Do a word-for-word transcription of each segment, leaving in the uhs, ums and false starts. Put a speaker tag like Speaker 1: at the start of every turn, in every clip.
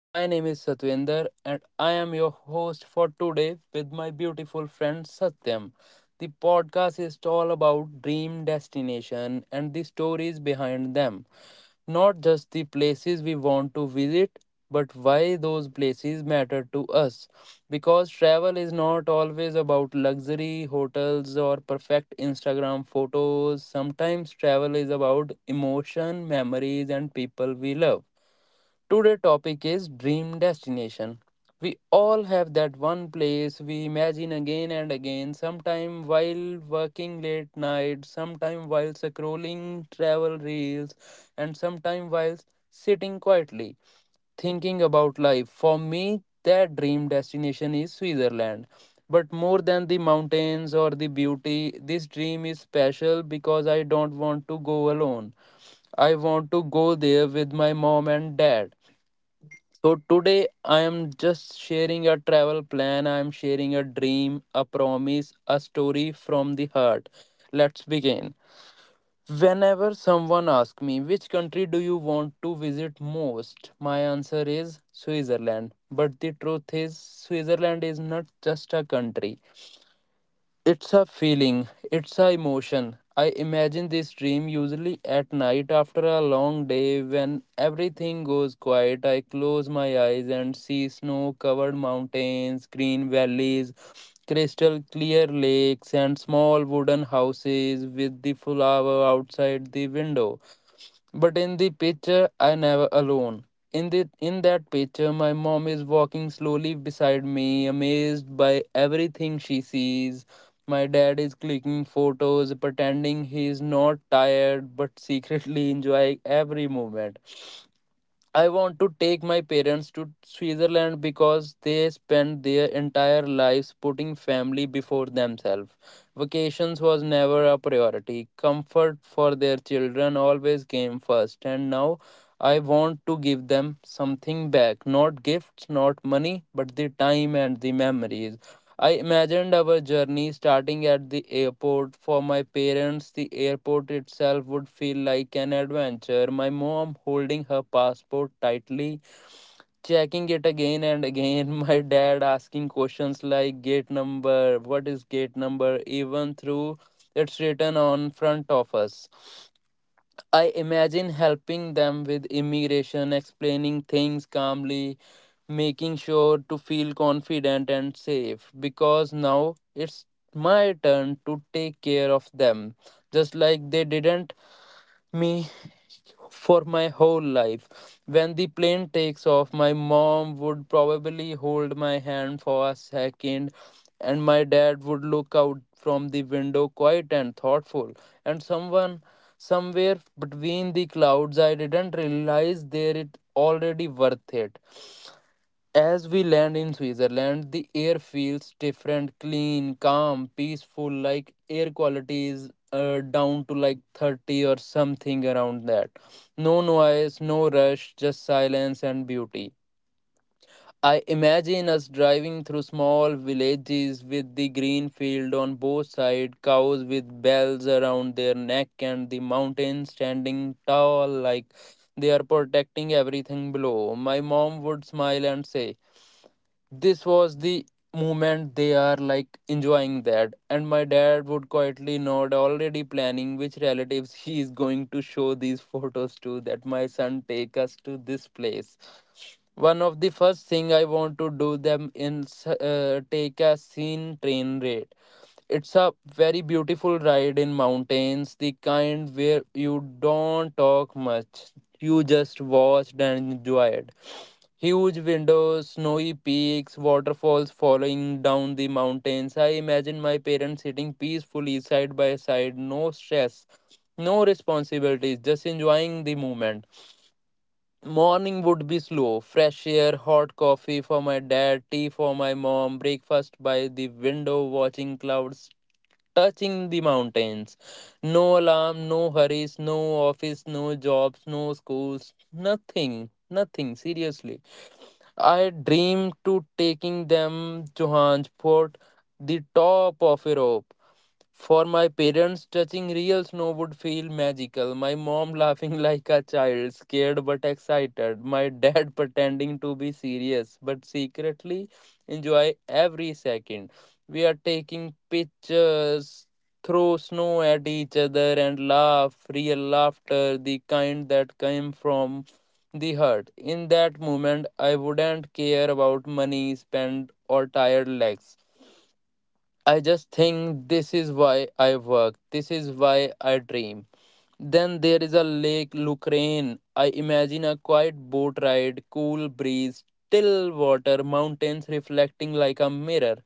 Speaker 1: My name is Satwinder, and I am your host for today with my beautiful friend Satyam. The podcast is all about dream destination and the stories behind them. Not just the places we want to visit, but why those places matter to us. Because travel is not always about luxury hotels or perfect Instagram photos. Sometimes travel is about emotion, memories, and people we love. Today's topic is dream destination. We all have that one place we imagine again and again, sometime while working late night, sometime while scrolling travel reels, and sometime while sitting quietly thinking about life. For me, that dream destination is Switzerland. But more than the mountains or the beauty, this dream is special because I don't want to go alone. I want to go there with my mom and dad, so today I am just sharing a travel plan, I am sharing a dream, a promise, a story from the heart. Let's begin. Whenever someone asks me which country do you want to visit most, my answer is Switzerland. But the truth is Switzerland is not just a country. It's a feeling, it's a emotion. I imagine this dream usually at night after a long day when everything goes quiet. I close my eyes and see snow covered mountains, green valleys, crystal clear lakes, and small wooden houses with the flower outside the window. But in the picture, I never alone. In the in that picture, my mom is walking slowly beside me, amazed by everything she sees. My dad is clicking photos, pretending he is not tired, but secretly enjoying every moment. I want to take my parents to Switzerland because they spent their entire lives putting family before themselves. Vacations was never a priority. Comfort for their children always came first. And now I want to give them something back. Not gifts, not money, but the time and the memories. I imagined our journey starting at the airport. For my parents, the airport itself would feel like an adventure. My mom holding her passport tightly, checking it again and again. My dad asking questions like gate number, what is gate number, even through it's written on front of us. I imagine helping them with immigration, explaining things calmly, making sure to feel confident and safe because now it's my turn to take care of them, just like they didn't me for my whole life. When the plane takes off, my mom would probably hold my hand for a second, and my dad would look out from the window, quiet and thoughtful. And someone, somewhere between the clouds, I didn't realize there it already worth it. As we land in Switzerland, the air feels different, clean, calm, peaceful, like air quality is uh, down to like thirty or something around that. No noise, no rush, just silence and beauty. I imagine us driving through small villages with the green field on both sides, cows with bells around their neck, and the mountains standing tall like they are protecting everything below. My mom would smile and say, this was the moment they are like enjoying that, and my dad would quietly nod, already planning which relatives he is going to show these photos to, that my son take us to this place. One of the first thing I want to do them in uh, take a scene train ride. It's a very beautiful ride in mountains, the kind where you don't talk much, you just watch and enjoy it. Huge windows, snowy peaks, waterfalls falling down the mountains. I imagine my parents sitting peacefully side by side, no stress, no responsibilities, just enjoying the moment. Morning would be slow, fresh air, hot coffee for my dad, tea for my mom, breakfast by the window, watching clouds touching the mountains. No alarm, no hurries, no office, no jobs, no schools, nothing, nothing, seriously. I dreamed to taking them Johansport, the top of Europe. For my parents, touching real snow would feel magical. My mom laughing like a child, scared but excited. My dad pretending to be serious but secretly enjoy every second. We are taking pictures, throw snow at each other and laugh, real laughter, the kind that came from the heart. In that moment, I wouldn't care about money spent or tired legs. I just think this is why I work. This is why I dream. Then there is a lake Lucrane. I imagine a quiet boat ride, cool breeze, still water, mountains reflecting like a mirror.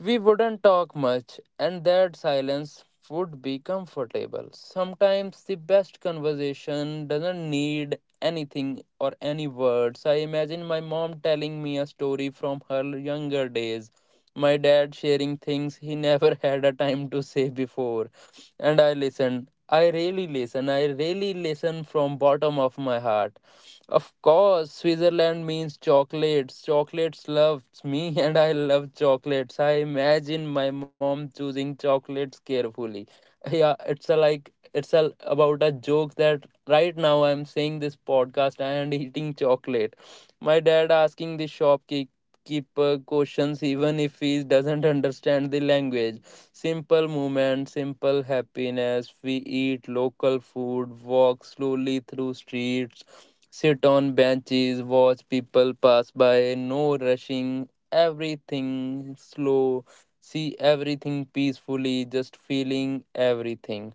Speaker 1: We wouldn't talk much, and that silence would be comfortable. Sometimes the best conversation doesn't need anything or any words. I imagine my mom telling me a story from her younger days, my dad sharing things he never had a time to say before, and I listen. I really listen. I really listen from bottom of my heart. Of course, Switzerland means chocolates. Chocolates loves me, and I love chocolates. I imagine my mom choosing chocolates carefully. Yeah, it's a like it's a about a joke that right now I'm saying this podcast and eating chocolate. My dad asking the shopkeeper questions even if he doesn't understand the language. Simple movement, simple happiness. We eat local food, walk slowly through streets, sit on benches, watch people pass by, no rushing, everything slow, see everything peacefully, just feeling everything.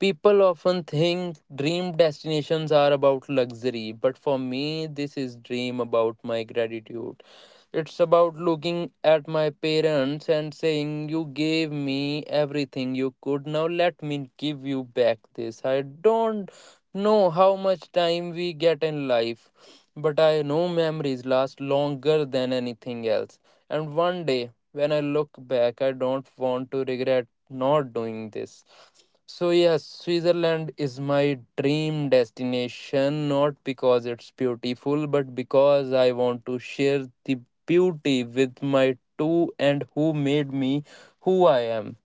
Speaker 1: People often think dream destinations are about luxury, but for me, this is dream about my gratitude. It's about looking at my parents and saying, you gave me everything you could. Now let me give you back this. I don't know how much time we get in life, but I know memories last longer than anything else. And one day, when I look back, I don't want to regret not doing this. So, yes, Switzerland is my dream destination, not because it's beautiful, but because I want to share the beauty with my two and who made me who I am.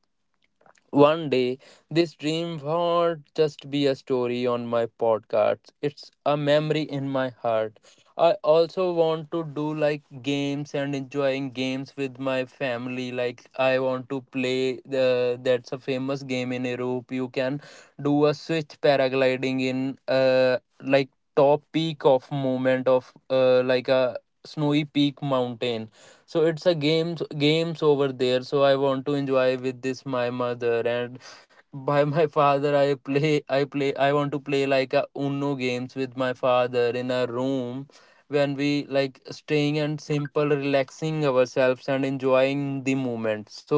Speaker 1: One day, this dream won't just be a story on my podcast. It's a memory in my heart. I also want to do like games and enjoying games with my family. Like I want to play the that's a famous game in Europe. You can do a switch paragliding in uh like top peak of moment of uh like a snowy peak mountain, so it's a games games over there. So I want to enjoy with this my mother and by my father. I play i play I want to play like a uno games with my father in a room when we like staying and simple relaxing ourselves and enjoying the moment. So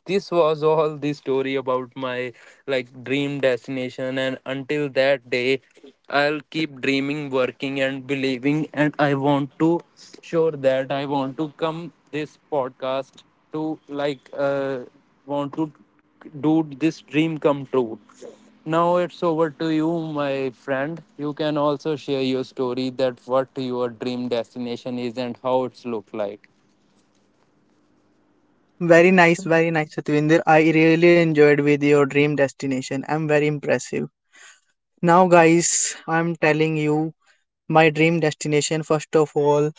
Speaker 1: this was all the story about my like dream destination, and until that day, I'll keep dreaming, working, and believing. And I want to sure that I want to come this podcast to like uh, want to, dude, this dream come true. Now it's over to you, my friend. You can also share your story, that what your dream destination is and how it's look like.
Speaker 2: Very nice, very nice, Satvinder. I really enjoyed with your dream destination. I'm very impressive. Now, guys, I'm telling you my dream destination. First of all,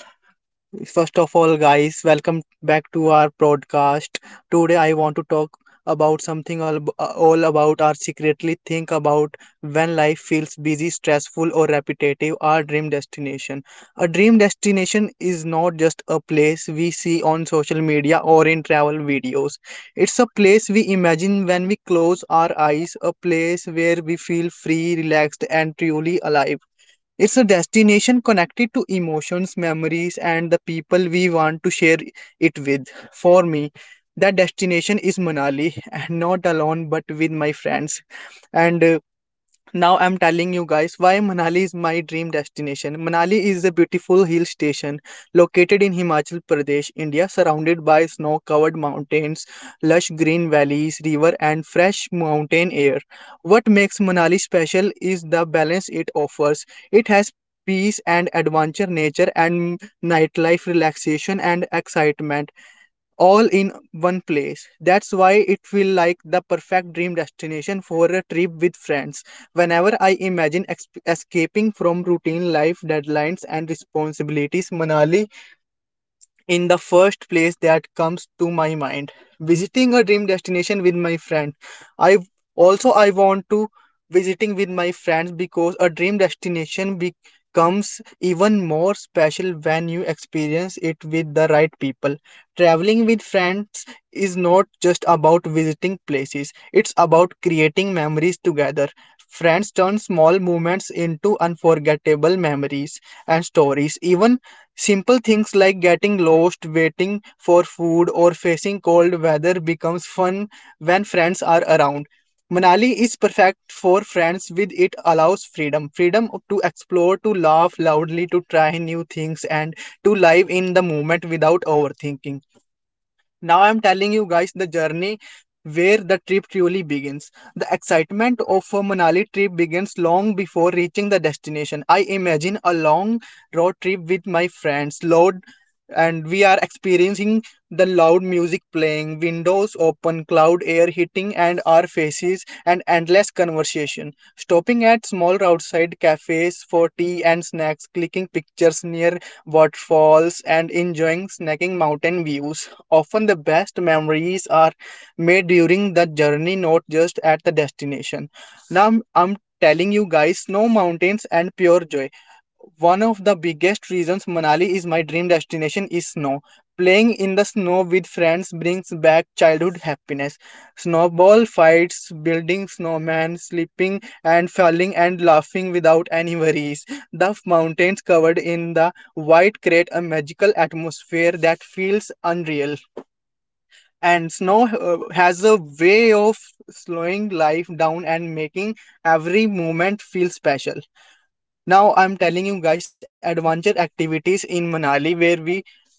Speaker 2: First of all, guys, welcome back to our broadcast. Today, I want to talk about something all, all about or secretly think about when life feels busy, stressful, or repetitive. Our dream destination. A dream destination is not just a place we see on social media or in travel videos. It's a place we imagine when we close our eyes, a place where we feel free, relaxed, and truly alive. It's a destination connected to emotions, memories, and the people we want to share it with. For me, that destination is Manali, and not alone but with my friends. And uh, Now I'm telling you guys why Manali is my dream destination. Manali is a beautiful hill station located in Himachal Pradesh, India, surrounded by snow covered mountains, lush green valleys, river, and fresh mountain air. What makes Manali special is the balance it offers. It has peace and adventure, nature and nightlife, relaxation and excitement all in one place. That's why it feels like the perfect dream destination for a trip with friends. Whenever I imagine ex- escaping from routine life, deadlines, and responsibilities, Manali in the first place that comes to my mind visiting a dream destination with my friend. I also i want to visiting with my friends, because a dream destination becomes even more special when you experience it with the right people. Traveling with friends is not just about visiting places, it's about creating memories together. Friends turn small moments into unforgettable memories and stories. Even simple things like getting lost, waiting for food, or facing cold weather becomes fun when friends are around. Manali is perfect for friends with it allows freedom freedom to explore, to laugh loudly, to try new things, and to live in the moment without overthinking. Now I'm telling you guys the journey where the trip truly begins. The excitement of a Manali trip begins long before reaching the destination. I imagine a long road trip with my friends, loud, and we are experiencing the loud music playing, windows open, cloud air hitting and our faces and endless conversation. Stopping at small roadside cafes for tea and snacks, clicking pictures near waterfalls and enjoying snacking mountain views. Often the best memories are made during the journey, not just at the destination. Now I'm telling you guys, snow mountains and pure joy. One of the biggest reasons Manali is my dream destination is snow. Playing in the snow with friends brings back childhood happiness. Snowball fights, building snowmen, sleeping and falling and laughing without any worries. The mountains covered in the white create a magical atmosphere that feels unreal, and snow uh, has a way of slowing life down and making every moment feel special. Now I'm telling you guys adventure activities in Manali where we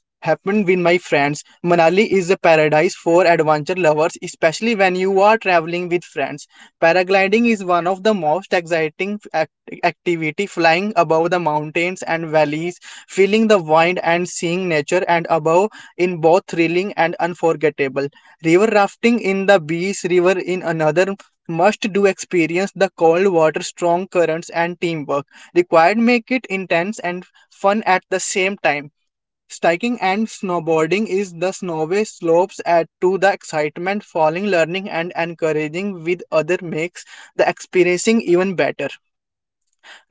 Speaker 2: happened with my friends. Manali is a paradise for adventure lovers, especially when you are traveling with friends. Paragliding is one of the most exciting act- activity, flying above the mountains and valleys, feeling the wind and seeing nature and above in both thrilling and unforgettable. River rafting in the Beas River in another must do experience, the cold water, strong currents and teamwork required make it intense and fun at the same time. Skiing and snowboarding is the snowy slopes add to the excitement. Falling, learning, and encouraging with other makes the experiencing even better.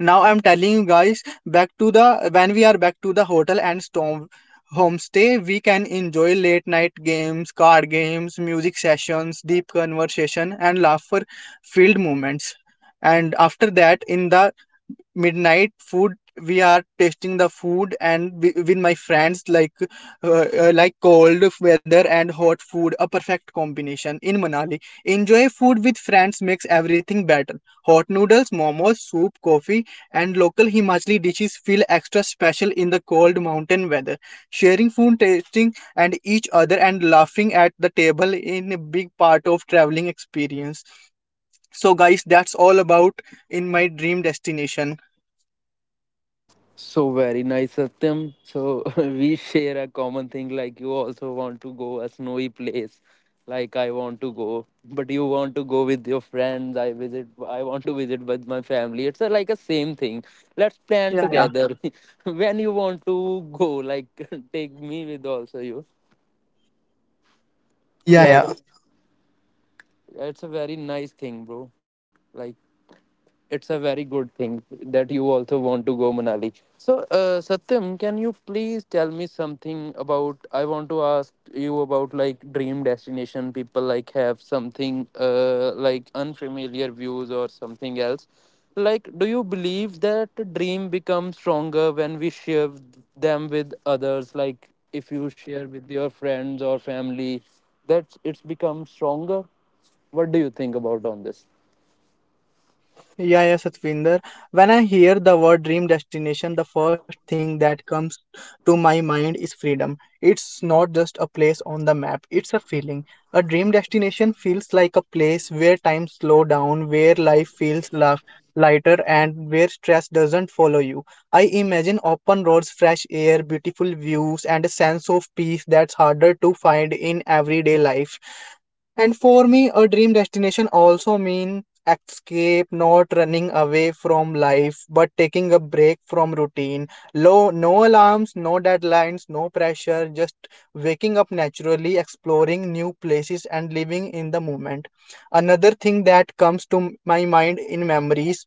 Speaker 2: Now I'm telling you guys back to the when we are back to the hotel and storm homestay, we can enjoy late night games, card games, music sessions, deep conversation and laughter filled moments. And after that, in the midnight food, we are tasting the food and wi- with my friends, like uh, uh, like cold weather and hot food, a perfect combination in Manali. Enjoy food with friends makes everything better. Hot noodles, momos, soup, coffee, and local Himachali dishes feel extra special in the cold mountain weather. Sharing food, tasting and each other and laughing at the table in a big part of traveling experience. So guys, that's all about in my dream destination.
Speaker 1: So very nice, Satyam. So we share a common thing, like you also want to go a snowy place, like I want to go, but you want to go with your friends. I visit. I want to visit with my family. It's a, like a same thing. Let's plan
Speaker 2: Yeah, yeah,
Speaker 1: together. When you want to go, like take me with also you.
Speaker 2: yeah,
Speaker 1: Yeah, yeah.
Speaker 2: yeah,
Speaker 1: It's a very nice thing, bro. Like, it's a very good thing that you also want to go Manali. So, uh, Satyam, can you please tell me something about? I want to ask you about like dream destination. People like have something uh, like unfamiliar views or something else. Like, do you believe that dream becomes stronger when we share them with others? Like, if you share with your friends or family, that it's become stronger. What do you think about on this?
Speaker 2: yeah, yeah, Satvinder. When I hear the word dream destination, the first thing that comes to my mind is freedom. It's not just a place on the map, it's a feeling. A dream destination feels like a place where time slows down, where life feels la- lighter, and where stress doesn't follow you. I imagine open roads, fresh air, beautiful views, and a sense of peace that's harder to find in everyday life. And for me, a dream destination also means escape, not running away from life, but taking a break from routine. Low, no alarms, no deadlines, no pressure, just waking up naturally, exploring new places, and living in the moment. Another thing that comes to my mind in memories,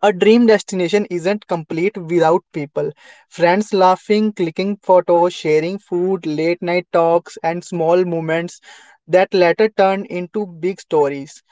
Speaker 2: a dream destination isn't complete without people. Friends laughing, clicking photos, sharing food, late night talks, and small moments that later turn into big stories.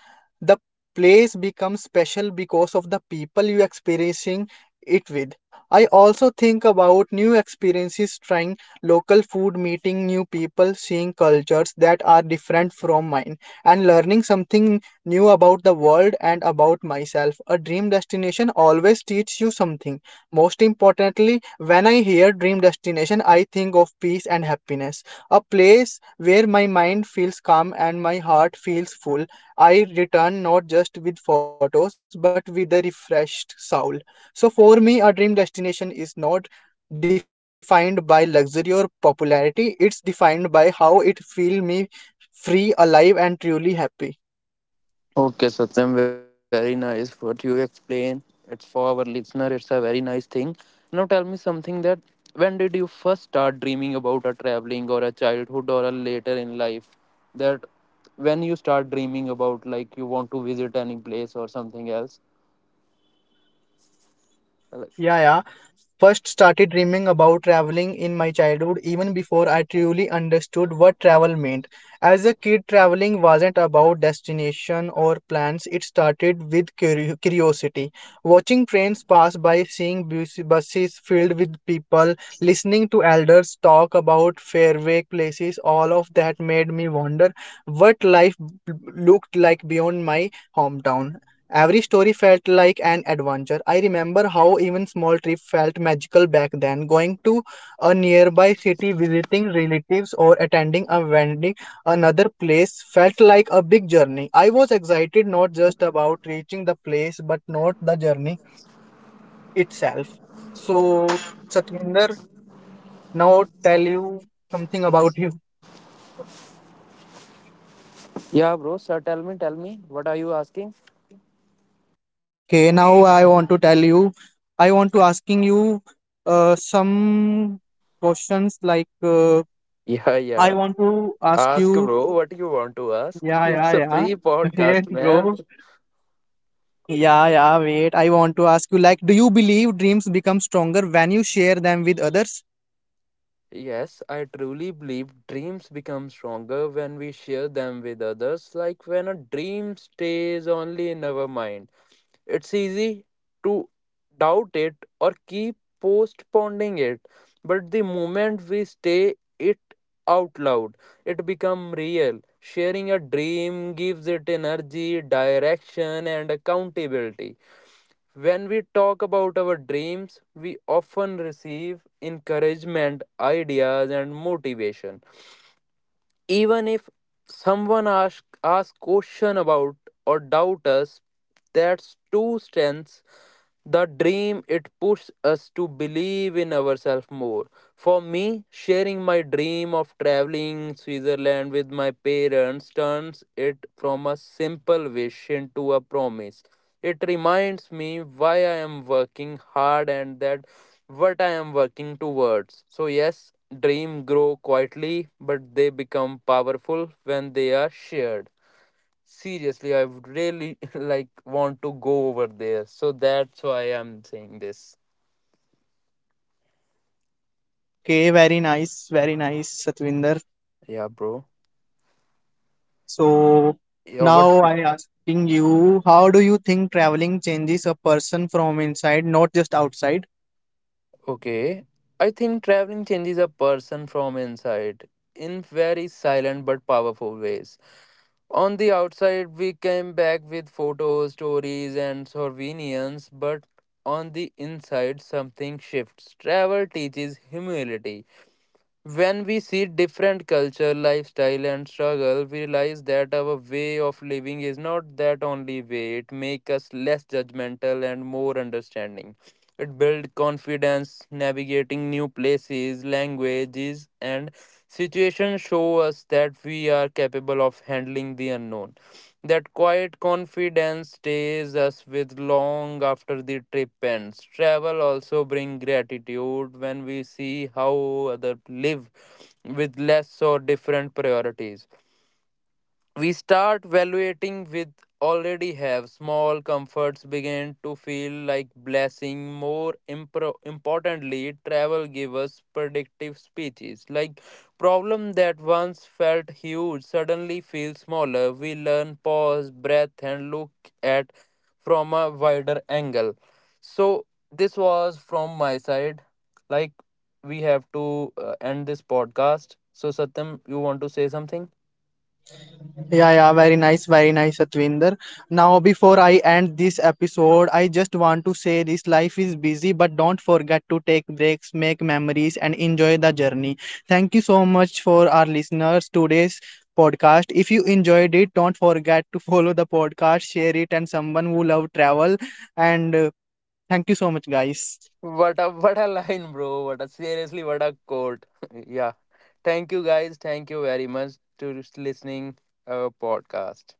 Speaker 2: The place becomes special because of the people you experiencing it with. I also think about new experiences, trying local food, meeting new people, seeing cultures that are different from mine, and learning something new about the world and about myself. A dream destination always teaches you something. Most importantly, when I hear dream destination, I think of peace and happiness, a place where my mind feels calm and my heart feels full. I return not just with photos but with a refreshed soul. So, for me, a dream destination is not defined by luxury or popularity, it's defined by how it feels me free, alive, and truly happy.
Speaker 1: Okay, Satyam, very nice what you explain. It's for our listener, it's a very nice thing. Now tell me something, that when did you first start dreaming about a traveling or a childhood or a later in life? That when you start dreaming about like you want to visit any place or something else? Like-
Speaker 2: Yeah, yeah. First started dreaming about traveling in my childhood, even before I truly understood what travel meant. As a kid, traveling wasn't about destination or plans, it started with curi- curiosity. Watching trains pass by, seeing bus- buses filled with people, listening to elders talk about faraway places, all of that made me wonder what life b- looked like beyond my hometown. Every story felt like an adventure. I remember how even small trips felt magical back then. Going to a nearby city, visiting relatives, or attending a vending another place felt like a big journey. I was excited not just about reaching the place, but not the journey itself. So, Satvinder, now tell you something about you.
Speaker 1: yeah, bro, sir, tell me, tell me, what are you asking?
Speaker 2: Okay, now I want to tell you. I want to asking you uh, some questions like. Uh,
Speaker 1: Yeah,
Speaker 2: I
Speaker 1: yeah.
Speaker 2: want to ask
Speaker 1: Ask,
Speaker 2: you,
Speaker 1: bro, what you want to ask.
Speaker 2: yeah, yeah,
Speaker 1: It's a
Speaker 2: yeah.
Speaker 1: free podcast,
Speaker 2: Wait,
Speaker 1: man.
Speaker 2: bro. Yeah, yeah, wait. I want to ask you, like, do you believe dreams become stronger when you share them with others?
Speaker 1: Yes, I truly believe dreams become stronger when we share them with others. Like, when a dream stays only in our mind, it's easy to doubt it or keep postponing it. But the moment we say it out loud, it becomes real. Sharing a dream gives it energy, direction, and accountability. When we talk about our dreams, we often receive encouragement, ideas, and motivation. Even if someone asks ask question about or doubt us, that's two strengths the dream, it pushes us to believe in ourselves more. For me, sharing my dream of traveling Switzerland with my parents turns it from a simple wish into a promise. It reminds me why I am working hard and that what I am working towards. So yes, dreams grow quietly, but they become powerful when they are shared. Seriously, I would really like want to go over there. So that's why I'm saying this.
Speaker 2: Okay, very nice, very nice, Satvinder.
Speaker 1: Yeah, bro.
Speaker 2: So
Speaker 1: Yeah, what?
Speaker 2: now I asking you, how do you think traveling changes a person from inside, not just outside?
Speaker 1: Okay. I think traveling changes a person from inside in very silent but powerful ways. On the outside, we came back with photos, stories, and souvenirs, but on the inside, something shifts. Travel teaches humility. When we see different culture, lifestyle, and struggle, we realize that our way of living is not that only way. It makes us less judgmental and more understanding. It builds confidence, navigating new places, languages, and situations show us that we are capable of handling the unknown. That quiet confidence stays us with long after the trip ends. Travel also brings gratitude when we see how others live with less or different priorities, we start valuating with already have small comforts begin to feel like blessing. More impro- importantly, travel give us predictive speeches like problem that once felt huge suddenly feel smaller. We learn pause breath and look at from a wider angle. So this was from my side. Like, we have to uh, end this podcast, so Satyam, you want to say something?
Speaker 2: Yeah, yeah, very nice, very nice, Atvinder. Now, before I end this episode, I just want to say this life is busy, but don't forget to take breaks, make memories, and enjoy the journey. Thank you so much for our listeners today's podcast. If you enjoyed it, don't forget to follow the podcast, share it, and someone who love travel. And uh, Thank you so much, guys.
Speaker 1: What a what a line, bro. What a seriously what a quote. Yeah. Thank you guys. Thank you very much to listening our podcast.